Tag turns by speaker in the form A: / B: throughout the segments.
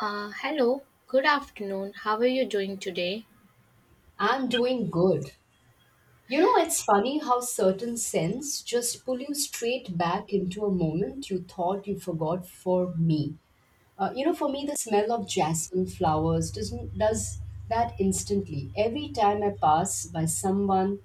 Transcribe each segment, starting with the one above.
A: Hello, good afternoon. How are you doing today?
B: I'm doing good. You know, it's funny how certain scents just pull you straight back into a moment you thought you forgot for me. For me, the smell of jasmine flowers doesn't does that instantly. Every time I pass by someone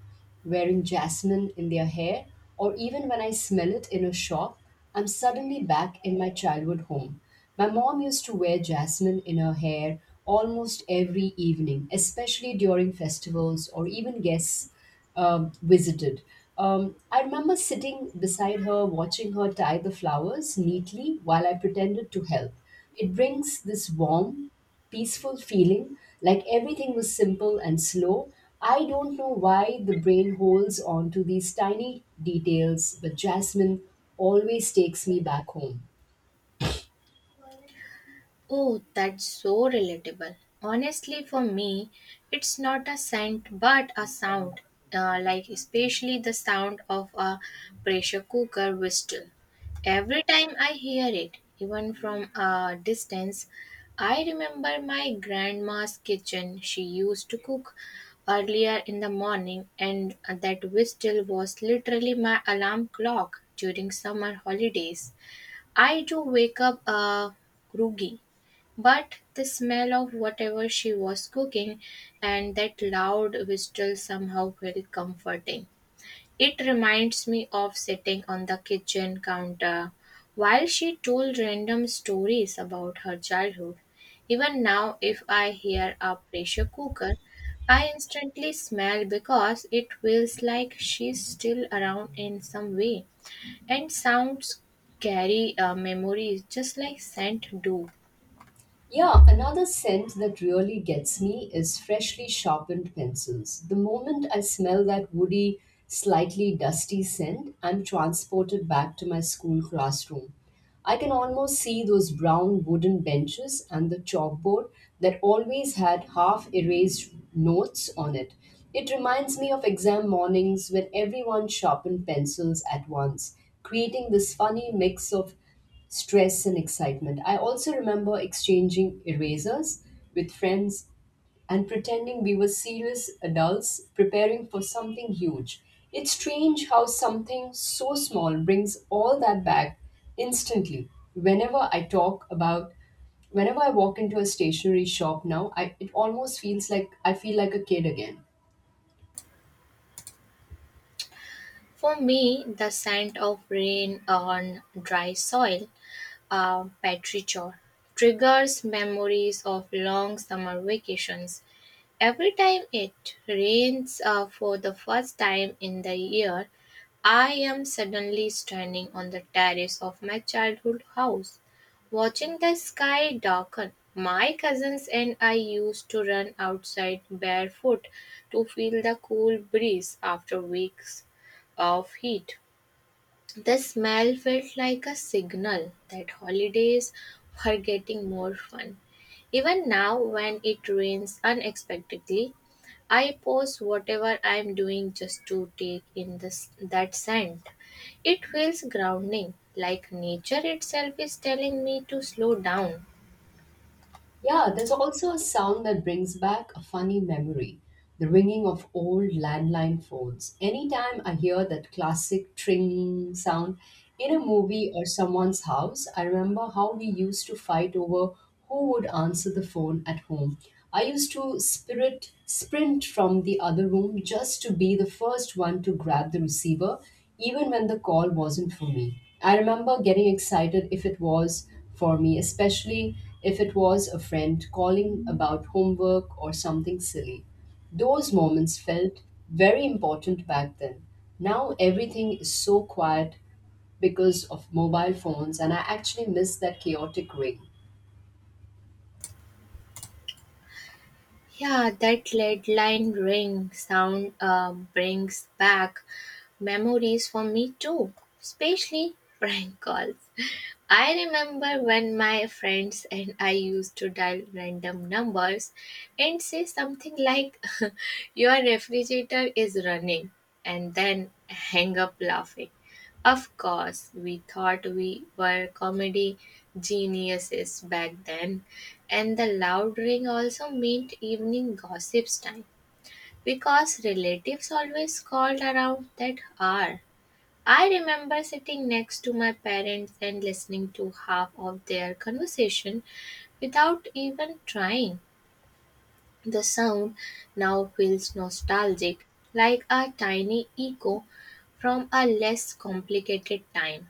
B: wearing jasmine in their hair, or even when I smell it in a shop, I'm suddenly back in my childhood home. My mom used to wear jasmine in her hair almost every evening, especially during festivals or even guests visited. I remember sitting beside her, watching her tie the flowers neatly while I pretended to help. It brings this warm, peaceful feeling, like everything was simple and slow. I don't know why the brain holds on to these tiny details, but jasmine always takes me back home.
A: Oh, that's so relatable. Honestly, for me, it's not a scent but a sound, like especially the sound of a pressure cooker whistle. Every time I hear it, even from a distance, I remember my grandma's kitchen. She used to cook earlier in the morning, and that whistle was literally my alarm clock during summer holidays. I do wake up groggy, but the smell of whatever she was cooking and that loud whistle somehow felt comforting. It reminds me of sitting on the kitchen counter while she told random stories about her childhood. Even now, if I hear a pressure cooker, I instantly smell because it feels like she's still around in some way. And sounds carry memories just like scent do.
B: Yeah, another scent that really gets me is freshly sharpened pencils. The moment I smell that woody, slightly dusty scent, I'm transported back to my school classroom. I can almost see those brown wooden benches and the chalkboard that always had half erased notes on it. It reminds me of exam mornings when everyone sharpened pencils at once, creating this funny mix of stress and excitement. I also remember exchanging erasers with friends and pretending we were serious adults preparing for something huge. It's strange how something so small brings all that back instantly. Whenever I walk into a stationery shop now, I it almost feels like I feel like a kid again.
A: For me, the scent of rain on dry soil, a petrichor, triggers memories of long summer vacations. Every time it rains for the first time in the year, I am suddenly standing on the terrace of my childhood house, watching the sky darken. My cousins and I used to run outside barefoot to feel the cool breeze after weeks of heat. The smell felt like a signal that holidays were getting more fun. Even now, when it rains unexpectedly, I pause whatever I am doing just to take in that scent. It feels grounding, like nature itself is telling me to slow down.
B: Yeah, there's also a sound that brings back a funny memory, the ringing of old landline phones. Anytime I hear that classic tring sound in a movie or someone's house, I remember how we used to fight over who would answer the phone at home. I used to spirit sprint from the other room just to be the first one to grab the receiver, even when the call wasn't for me. I remember getting excited if it was for me, especially if it was a friend calling about homework or something silly. Those moments felt very important back then. Now everything is so quiet because of mobile phones, and I actually miss that chaotic ring.
A: Yeah, that lead line ring sound brings back memories for me too, especially prank calls. I remember when my friends and I used to dial random numbers and say something like, your refrigerator is running, and then hang up laughing. Of course, we thought we were comedy geniuses back then, and the loud ring also meant evening gossips time because relatives always called around that hour. I remember sitting next to my parents and listening to half of their conversation without even trying. The sound now feels nostalgic, like a tiny echo from a less complicated time.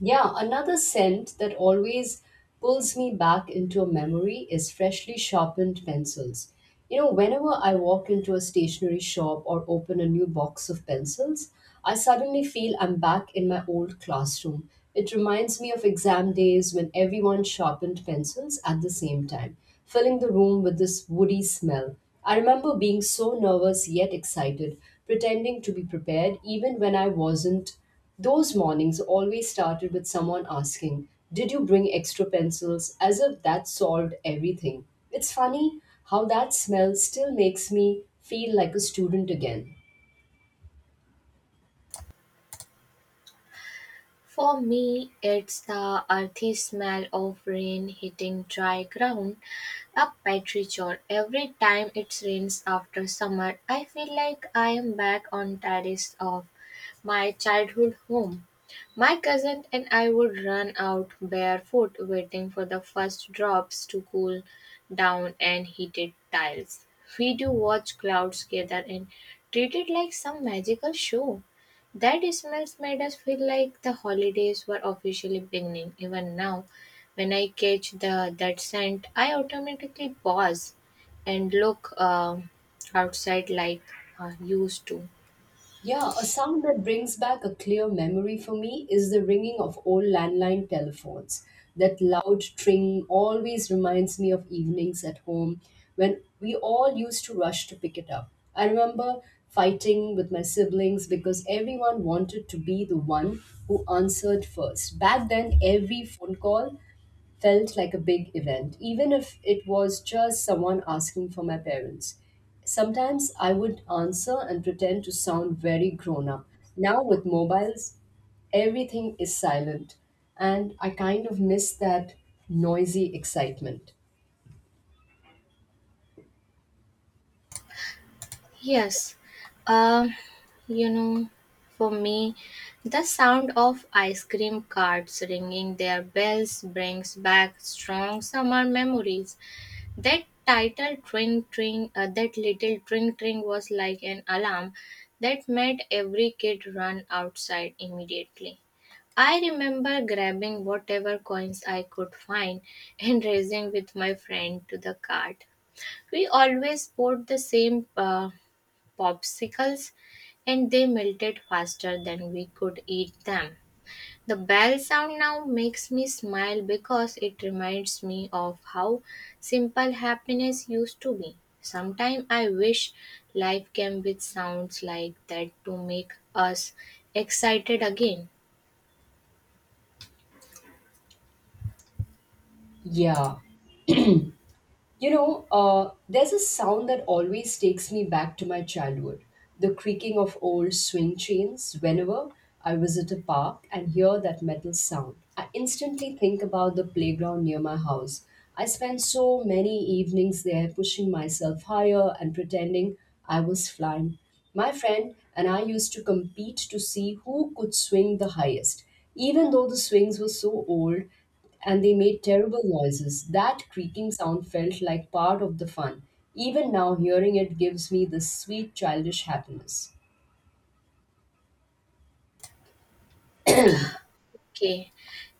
B: Yeah, another scent that always pulls me back into a memory is freshly sharpened pencils. You know, whenever I walk into a stationery shop or open a new box of pencils, I suddenly feel I'm back in my old classroom. It reminds me of exam days when everyone sharpened pencils at the same time, filling the room with this woody smell. I remember being so nervous yet excited, pretending to be prepared even when I wasn't. Those mornings always started with someone asking, did you bring extra pencils, as if that solved everything. It's funny how that smell still makes me feel like a student again.
A: For me, it's the earthy smell of rain hitting dry ground up by tree chore. Every time it rains after summer, I feel like I am back on terrace of my childhood home. My cousin and I would run out barefoot, waiting for the first drops to cool down and heated tiles. We do watch clouds gather and treat it like some magical show. That smells made us feel like the holidays were officially beginning. Even now, when I catch the that scent, I automatically pause and look outside like I used to.
B: Yeah, a sound that brings back a clear memory for me is the ringing of old landline telephones. That loud tring always reminds me of evenings at home when we all used to rush to pick it up. I remember fighting with my siblings because everyone wanted to be the one who answered first. Back then, every phone call felt like a big event, even if it was just someone asking for my parents. Sometimes I would answer and pretend to sound very grown up. Now, with mobiles, everything is silent, and I kind of miss that noisy excitement.
A: Yes, uh, you know, for me, the sound of ice cream carts ringing their bells brings back strong summer memories. That title tring tring, that little tring tring was like an alarm that made every kid run outside immediately. I remember grabbing whatever coins I could find and racing with my friend to the cart. We always bought the same. Popsicles, and they melted faster than we could eat them. The bell sound now makes me smile because it reminds me of how simple happiness used to be. Sometimes I wish life came with sounds like that to make us excited again.
B: Yeah, there's a sound that always takes me back to my childhood, the creaking of old swing chains. Whenever I visit a park and hear that metal sound, I instantly think about the playground near my house. I spent so many evenings there pushing myself higher and pretending I was flying. My friend and I used to compete to see who could swing the highest, even though the swings were so old and they made terrible noises. That creaking sound felt like part of the fun. Even now, hearing it gives me this sweet childish happiness.
A: Okay,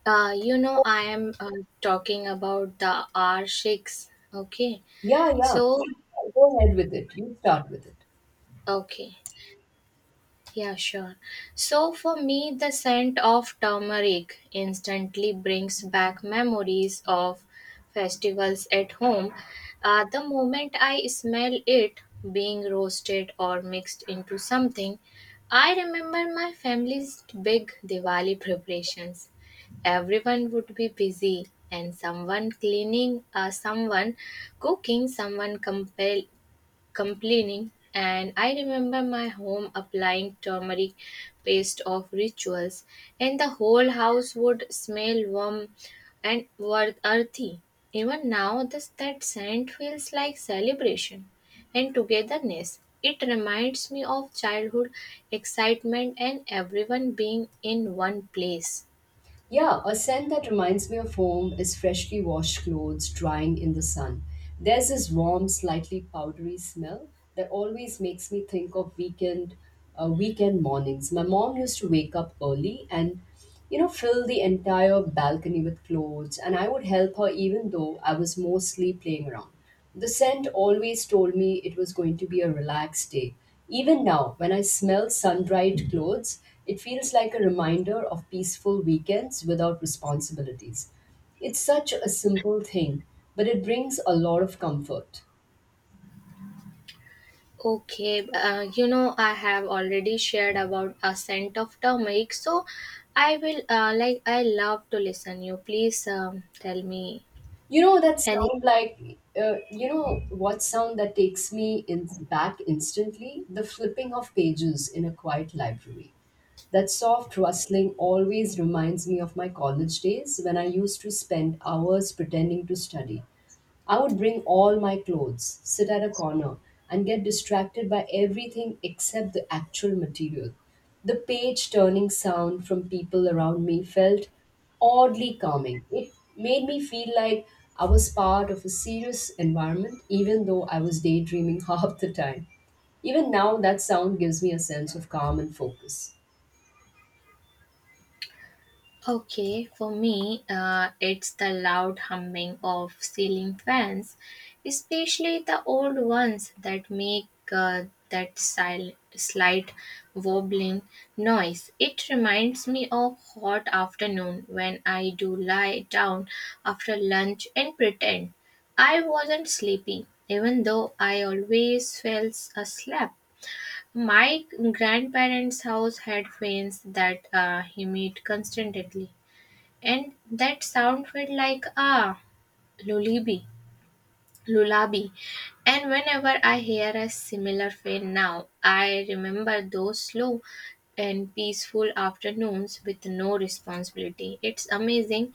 A: you know, I am talking about the R6. Okay,
B: Yeah, yeah.
A: so,
B: Go ahead with it. You start with it.
A: okay, yeah, sure. So for me, the scent of turmeric instantly brings back memories of festivals at home. The moment I smell it being roasted or mixed into something, I remember my family's big Diwali preparations. Everyone would be busy, and someone cleaning, someone cooking, someone complaining, and I remember my home applying turmeric paste of rituals, and the whole house would smell warm and earthy. Even now, this that scent feels like celebration and togetherness. It reminds me of childhood excitement and everyone being in one place.
B: Yeah, a scent that reminds me of home is freshly washed clothes drying in the sun. There's this warm, slightly powdery smell that always makes me think of weekend mornings. My mom used to wake up early and fill the entire balcony with clothes, and I would help her even though I was mostly playing around. The scent always told me it was going to be a relaxed day. Even now, when I smell sun dried clothes, it feels like a reminder of peaceful weekends without responsibilities. It's such a simple thing, but it brings a lot of comfort.
A: Okay, you know, I have already shared about a scent of turmeric, so I will, like, I love to listen you. Please tell me
B: You know that sound
A: anything.
B: like, what sound that takes me in back instantly? The flipping of pages in a quiet library. That soft rustling always reminds me of my college days when I used to spend hours pretending to study. I would bring all my clothes, sit at a corner, and get distracted by everything except the actual material. The page turning sound from people around me felt oddly calming. It made me feel like I was part of a serious environment, even though I was daydreaming half the time. Even now, that sound gives me a sense of calm and focus.
A: Okay, for me, it's the loud humming of ceiling fans, especially the old ones that make that slight wobbling noise. It reminds me of hot afternoon when I do lie down after lunch and pretend I wasn't sleepy, even though I always fell asleep. My grandparents' house had fans that humid constantly, and that sound felt like a lullaby lullaby. And whenever I hear a similar fade now, I remember those slow and peaceful afternoons with no responsibility. It's amazing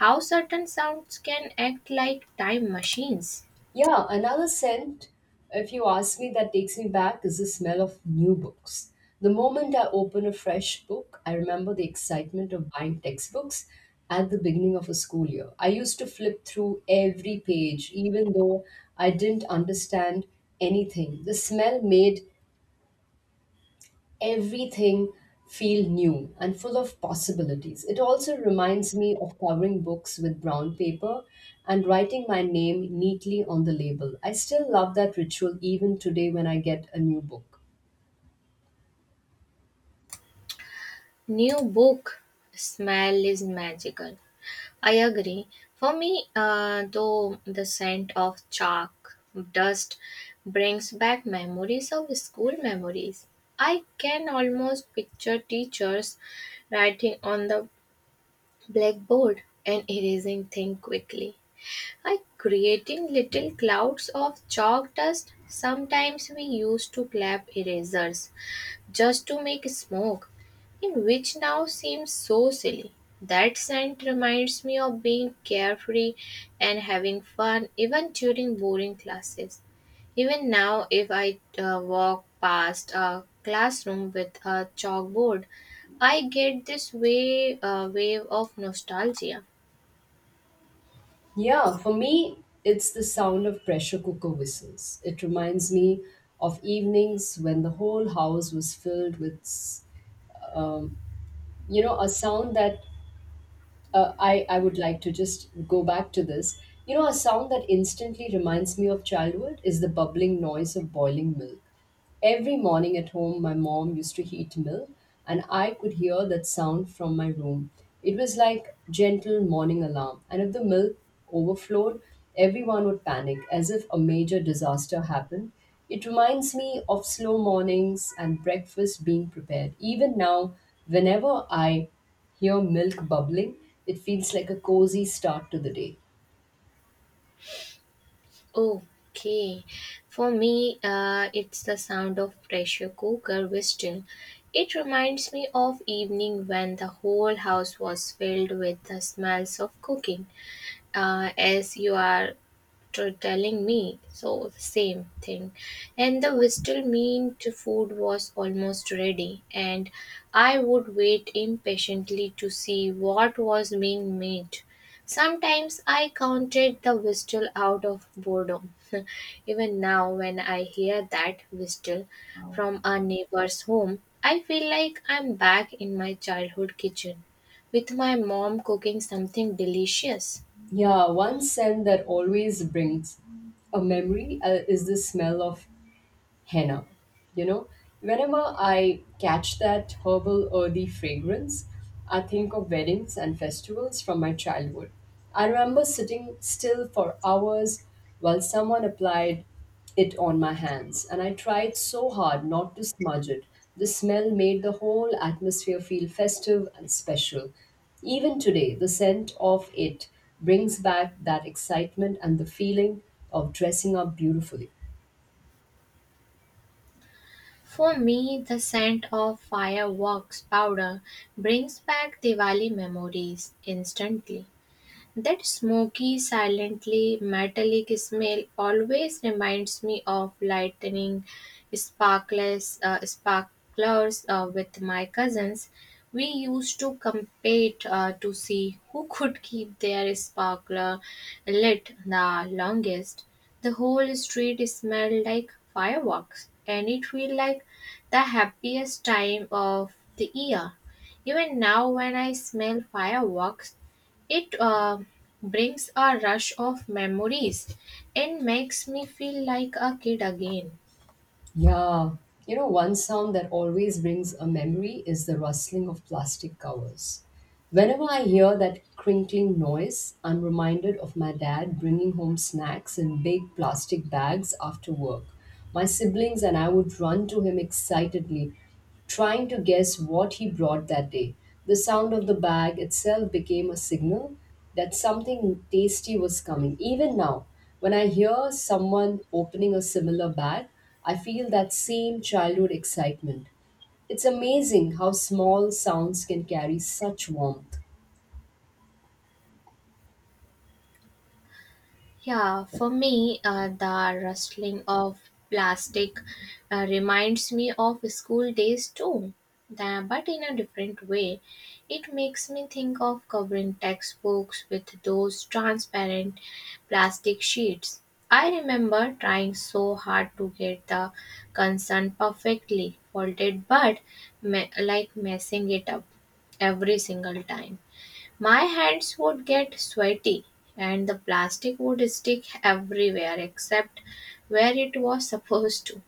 A: how certain sounds can act like time machines.
B: Yeah, another scent, if you ask me, that takes me back is the smell of new books. The moment I open a fresh book, I remember the excitement of buying textbooks at the beginning of a school year. I used to flip through every page, even though I didn't understand anything. The smell made everything feel new and full of possibilities. It also reminds me of covering books with brown paper and writing my name neatly on the label. I still love that ritual even today when I get a new book.
A: New book smell is magical, I agree. For me, though, the scent of chalk dust brings back memories of school memories. I can almost picture teachers writing on the blackboard and erasing things quickly. I creating little clouds of chalk dust. Sometimes we used to clap erasers just to make smoke, in which now seems so silly. That scent reminds me of being carefree and having fun even during boring classes. Even now, if I walk past a classroom with a chalkboard, I get this wave of nostalgia.
B: Yeah, for me, it's the sound of pressure cooker whistles. It reminds me of evenings when the whole house was filled with um, a sound that I would like to just go back to this. You know, a sound that instantly reminds me of childhood is the bubbling noise of boiling milk. Every morning at home, my mom used to heat milk, and I could hear that sound from my room. It was like gentle morning alarm, and if the milk overflowed, everyone would panic as if a major disaster happened. It reminds me of slow mornings and breakfast being prepared. Even now, whenever I hear milk bubbling, it feels like a cozy start to the day.
A: Okay, for me, it's the sound of pressure cooker whistle. It reminds me of evening when the whole house was filled with the smells of cooking. As you are to telling me, so the same thing. And the whistle meant food was almost ready, and I would wait impatiently to see what was being made. Sometimes I counted the whistle out of boredom. Even now, when I hear that whistle from a neighbor's home, I feel like I'm back in my childhood kitchen with my mom cooking something delicious.
B: Yeah, one scent that always brings a memory is the smell of henna. You know, whenever I catch that herbal earthy fragrance, I think of weddings and festivals from my childhood. I remember sitting still for hours while someone applied it on my hands, and I tried so hard not to smudge it. The smell made the whole atmosphere feel festive and special. Even today, the scent of it brings back that excitement and the feeling of dressing up beautifully.
A: For me, the scent of fireworks powder brings back Diwali memories instantly. That smoky, silently metallic smell always reminds me of lightning sparklers with my cousins. We used to compete to see who could keep their sparkler lit the longest. The whole street smelled like fireworks, and it felt like the happiest time of the year. Even now, when I smell fireworks, it brings a rush of memories and makes me feel like a kid again.
B: Yeah. You know, one sound that always brings a memory is the rustling of plastic covers. Whenever I hear that crinkling noise, I'm reminded of my dad bringing home snacks in big plastic bags after work. My siblings and I would run to him excitedly, trying to guess what he brought that day. The sound of the bag itself became a signal that something tasty was coming. Even now, when I hear someone opening a similar bag, I feel that same childhood excitement. It's amazing how small sounds can carry such warmth.
A: Yeah, for me, the rustling of plastic reminds me of school days too, but in a different way. It makes me think of covering textbooks with those transparent plastic sheets. I remember trying so hard to get the concern perfectly folded, but like messing it up every single time. My hands would get sweaty, and the plastic would stick everywhere except where it was supposed to.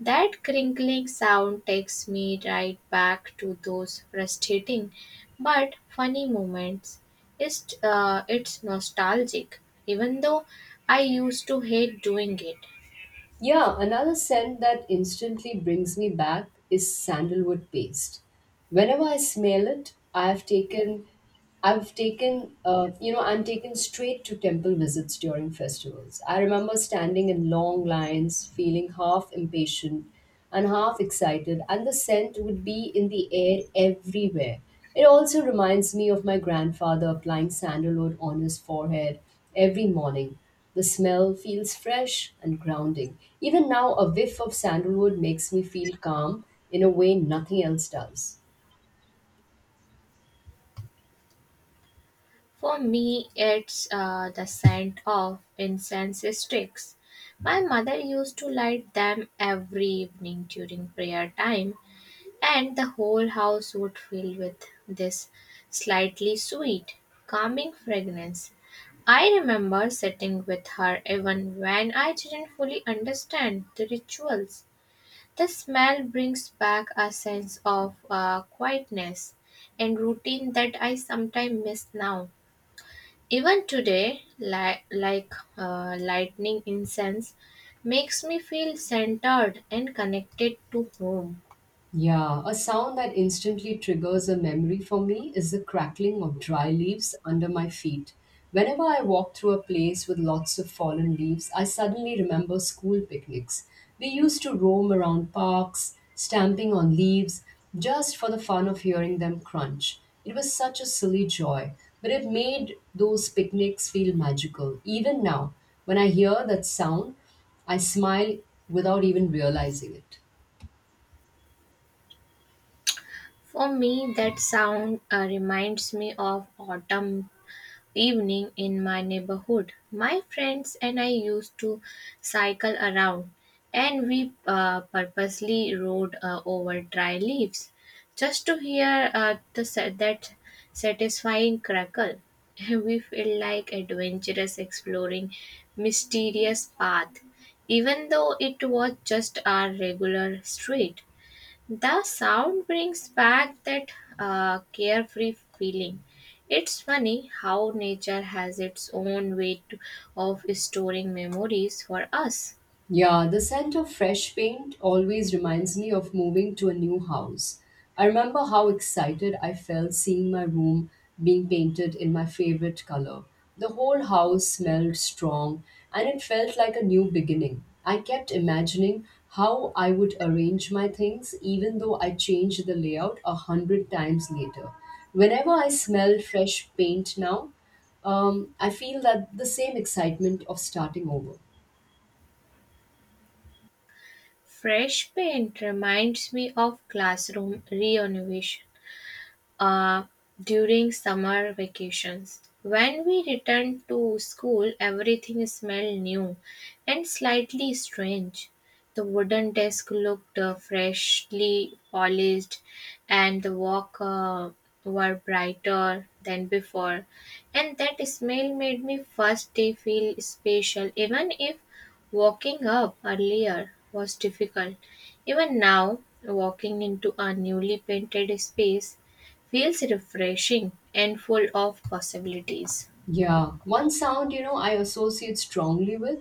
A: That crinkling sound takes me right back to those frustrating but funny moments. It's nostalgic, even though I used to hate doing it.
B: Yeah, another scent that instantly brings me back is sandalwood paste. Whenever I smell it, I'm taken straight to temple visits during festivals. I remember standing in long lines, feeling half impatient and half excited, and the scent would be in the air everywhere. It also reminds me of my grandfather applying sandalwood on his forehead every morning. The smell feels fresh and grounding. Even now, a whiff of sandalwood makes me feel calm in a way nothing else does.
A: For me, it's the scent of incense sticks. My mother used to light them every evening during prayer time, and the whole house would fill with this slightly sweet, calming fragrance. I remember sitting with her even when I didn't fully understand the rituals. The smell brings back a sense of quietness and routine that I sometimes miss now. Even today, like lightning incense, makes me feel centered and connected to home.
B: Yeah, a sound that instantly triggers a memory for me is the crackling of dry leaves under my feet. Whenever I walk through a place with lots of fallen leaves, I suddenly remember school picnics. We used to roam around parks, stamping on leaves, just for the fun of hearing them crunch. It was such a silly joy, but it made those picnics feel magical. Even now, when I hear that sound, I smile without even realizing it.
A: For me, that sound reminds me of autumn evening in my neighborhood. My friends and I used to cycle around, and we purposely rode over dry leaves just to hear that satisfying crackle. We feel like adventurous exploring mysterious path, even though it was just our regular street. The sound brings back that carefree feeling. It's funny how nature has its own of storing memories for us.
B: Yeah, the scent of fresh paint always reminds me of moving to a new house. I remember how excited I felt seeing my room being painted in my favorite color. The whole house smelled strong, and it felt like a new beginning. I kept imagining how I would arrange my things even though I changed the layout a hundred times later. Whenever I smell fresh paint now, I feel that the same excitement of starting over.
A: Fresh paint reminds me of classroom renovation uh, during summer vacations. When we returned to school, everything smelled new and slightly strange. The wooden desk looked freshly polished, and the walk were brighter than before. And that smell made me first day feel special, even if walking up earlier was difficult. Even now, walking into a newly painted space feels refreshing and full of possibilities.
B: Yeah, one sound I associate strongly with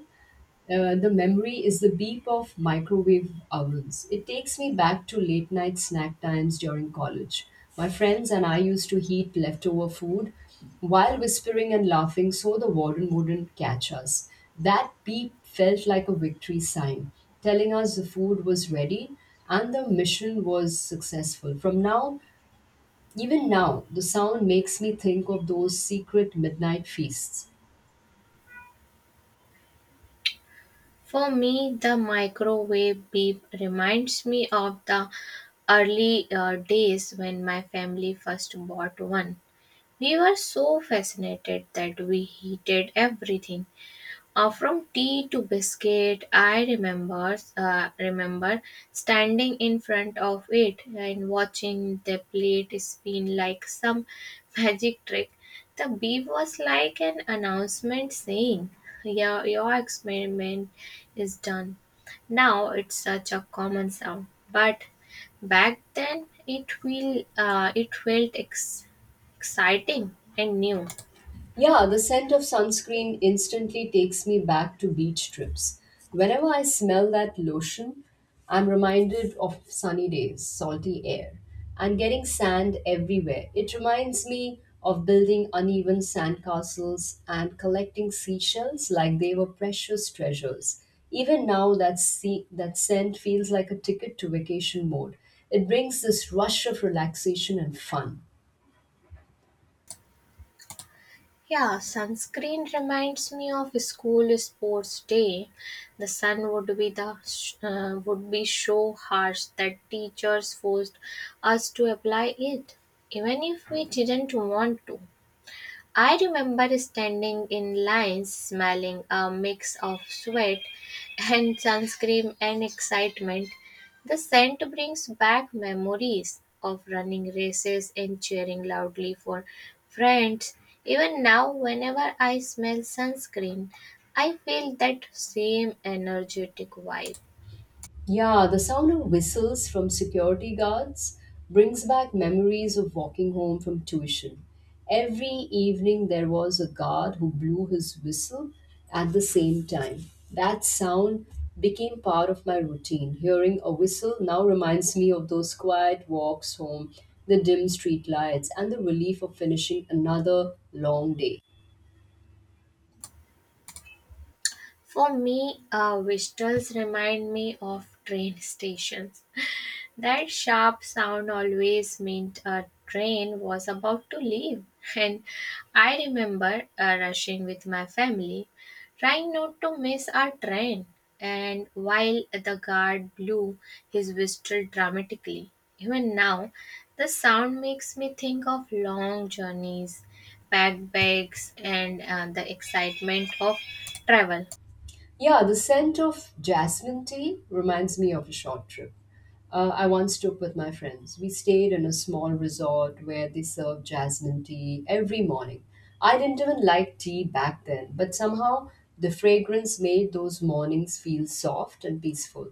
B: the memory is the beep of microwave ovens. It takes me back to late night snack times during college. My friends and I used to heat leftover food while whispering and laughing so the warden wouldn't catch us. That beep felt like a victory sign, telling us the food was ready and the mission was successful. From now, even now, the sound makes me think of those secret midnight feasts.
A: For me, the microwave beep reminds me of the early days when my family first bought one. We were so fascinated that we heated everything. From tea to biscuit, I remember standing in front of it and watching the plate spin like some magic trick. The beep was like an announcement saying, "Yeah, your experiment is done." Now it's such a common sound, but back then it will it felt exciting and new.
B: Yeah, the scent of sunscreen instantly takes me back to beach trips. Whenever I smell that lotion, I'm reminded of sunny days, salty air, and getting sand everywhere. It reminds me of building uneven sandcastles and collecting seashells like they were precious treasures. Even now, that scent feels like a ticket to vacation mode. It brings this rush of relaxation and fun.
A: Yeah, sunscreen reminds me of school sports day. The sun would be so harsh that teachers forced us to apply it, even if we didn't want to. I remember standing in lines smelling a mix of sweat and sunscreen and excitement. The scent brings back memories of running races and cheering loudly for friends. Even now, whenever I smell sunscreen, I feel that same energetic vibe.
B: Yeah, the sound of whistles from security guards brings back memories of walking home from tuition. Every evening there was a guard who blew his whistle at the same time. That sound became part of my routine. Hearing a whistle now reminds me of those quiet walks home, the dim street lights, and the relief of finishing another long day.
A: For me, whistles remind me of train stations. That sharp sound always meant a train was about to leave. And I remember rushing with my family, trying not to miss our train. And while the guard blew his whistle dramatically, even now, the sound makes me think of long journeys, packed bags, and the excitement of travel.
B: Yeah, the scent of jasmine tea reminds me of a short trip I once took with my friends. We stayed in a small resort where they served jasmine tea every morning. I didn't even like tea back then, but somehow the fragrance made those mornings feel soft and peaceful.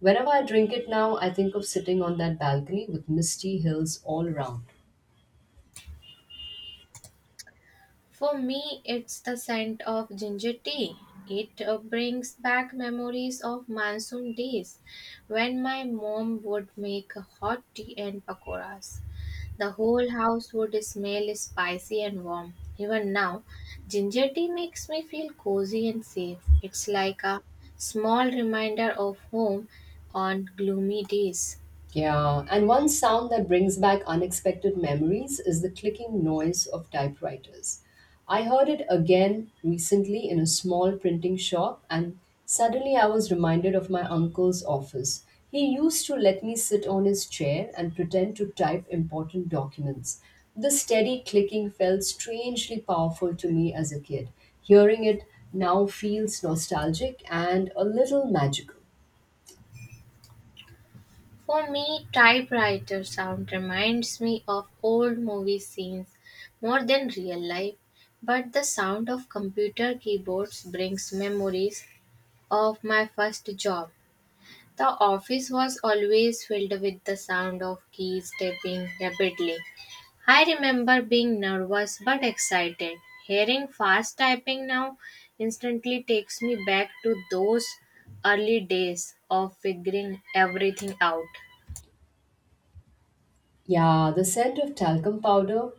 B: Whenever I drink it now, I think of sitting on that balcony with misty hills all around.
A: For me, it's the scent of ginger tea. It brings back memories of monsoon days when my mom would make hot tea and pakoras. The whole house would smell spicy and warm. Even now, ginger tea makes me feel cozy and safe. It's like a small reminder of home on gloomy days.
B: Yeah, and one sound that brings back unexpected memories is the clicking noise of typewriters. I heard it again recently in a small printing shop, and suddenly I was reminded of my uncle's office. He used to let me sit on his chair and pretend to type important documents. The steady clicking felt strangely powerful to me as a kid. Hearing it now feels nostalgic and a little magical.
A: For me, typewriter sound reminds me of old movie scenes more than real life, but the sound of computer keyboards brings memories of my first job. The office was always filled with the sound of keys tapping rapidly. I remember being nervous but excited. Hearing fast typing now instantly takes me back to those early days of figuring everything out.
B: Yeah, the scent of talcum powder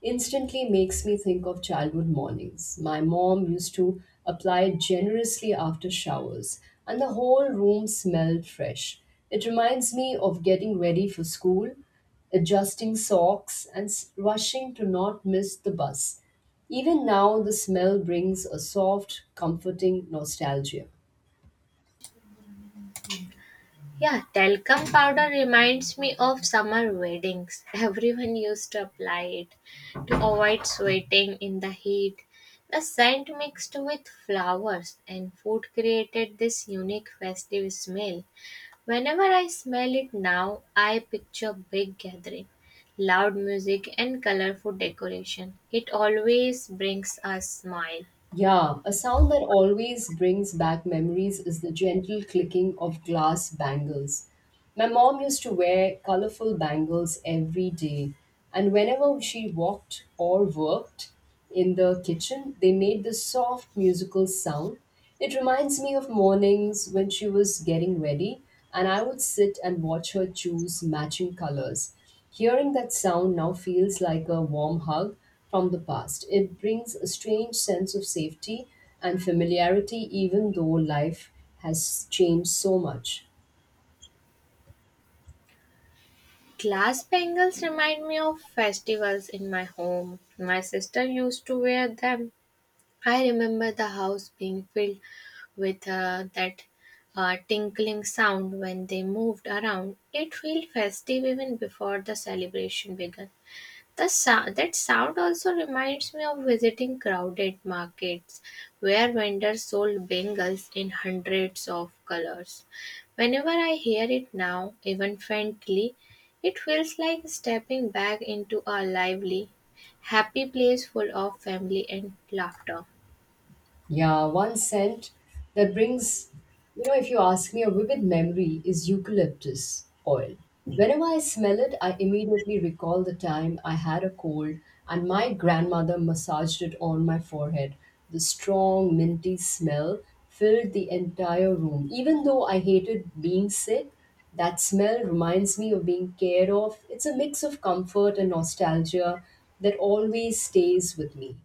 B: instantly makes me think of childhood mornings. My mom used to apply it generously after showers, and the whole room smelled fresh. It reminds me of getting ready for school, adjusting socks, and rushing to not miss the bus. Even now, the smell brings a soft, comforting nostalgia.
A: Yeah, talcum powder reminds me of summer weddings. Everyone used to apply it to avoid sweating in the heat. The scent mixed with flowers and food created this unique festive smell. Whenever I smell it now, I picture big gathering, loud music and colorful decoration. It always brings a smile.
B: Yeah, a sound that always brings back memories is the gentle clicking of glass bangles. My mom used to wear colorful bangles every day, and whenever she walked or worked in the kitchen, they made this soft musical sound. It reminds me of mornings when she was getting ready, and I would sit and watch her choose matching colors. Hearing that sound now feels like a warm hug from the past. It brings a strange sense of safety and familiarity, even though life has changed so much.
A: Glass bangles remind me of festivals in my home. My sister used to wear them. I remember the house being filled with that tinkling sound when they moved around. It felt festive even before the celebration began. That sound also reminds me of visiting crowded markets where vendors sold bangles in hundreds of colors. Whenever I hear it now, even faintly, it feels like stepping back into a lively, happy place full of family and laughter.
B: Yeah, one scent that brings, if you ask me, a vivid memory is eucalyptus oil. Whenever I smell it, I immediately recall the time I had a cold and my grandmother massaged it on my forehead. The strong, minty smell filled the entire room. Even though I hated being sick, that smell reminds me of being cared of. It's a mix of comfort and nostalgia that always stays with me.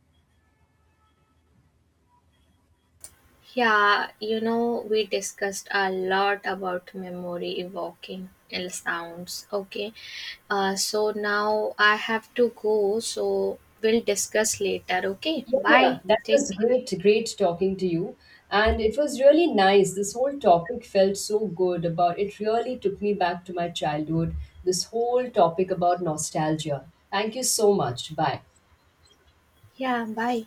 A: Yeah, you know, we discussed a lot about memory evoking ill sounds. Okay, so now I have to go, so we'll discuss later. Okay,
B: Yeah, yeah,
A: bye.
B: that
A: Take
B: was
A: care.
B: great, talking to you. And it was really nice. This whole topic felt so good about it, really took me back to my childhood. This whole topic about nostalgia. Thank you so much. Bye.
A: Yeah, bye.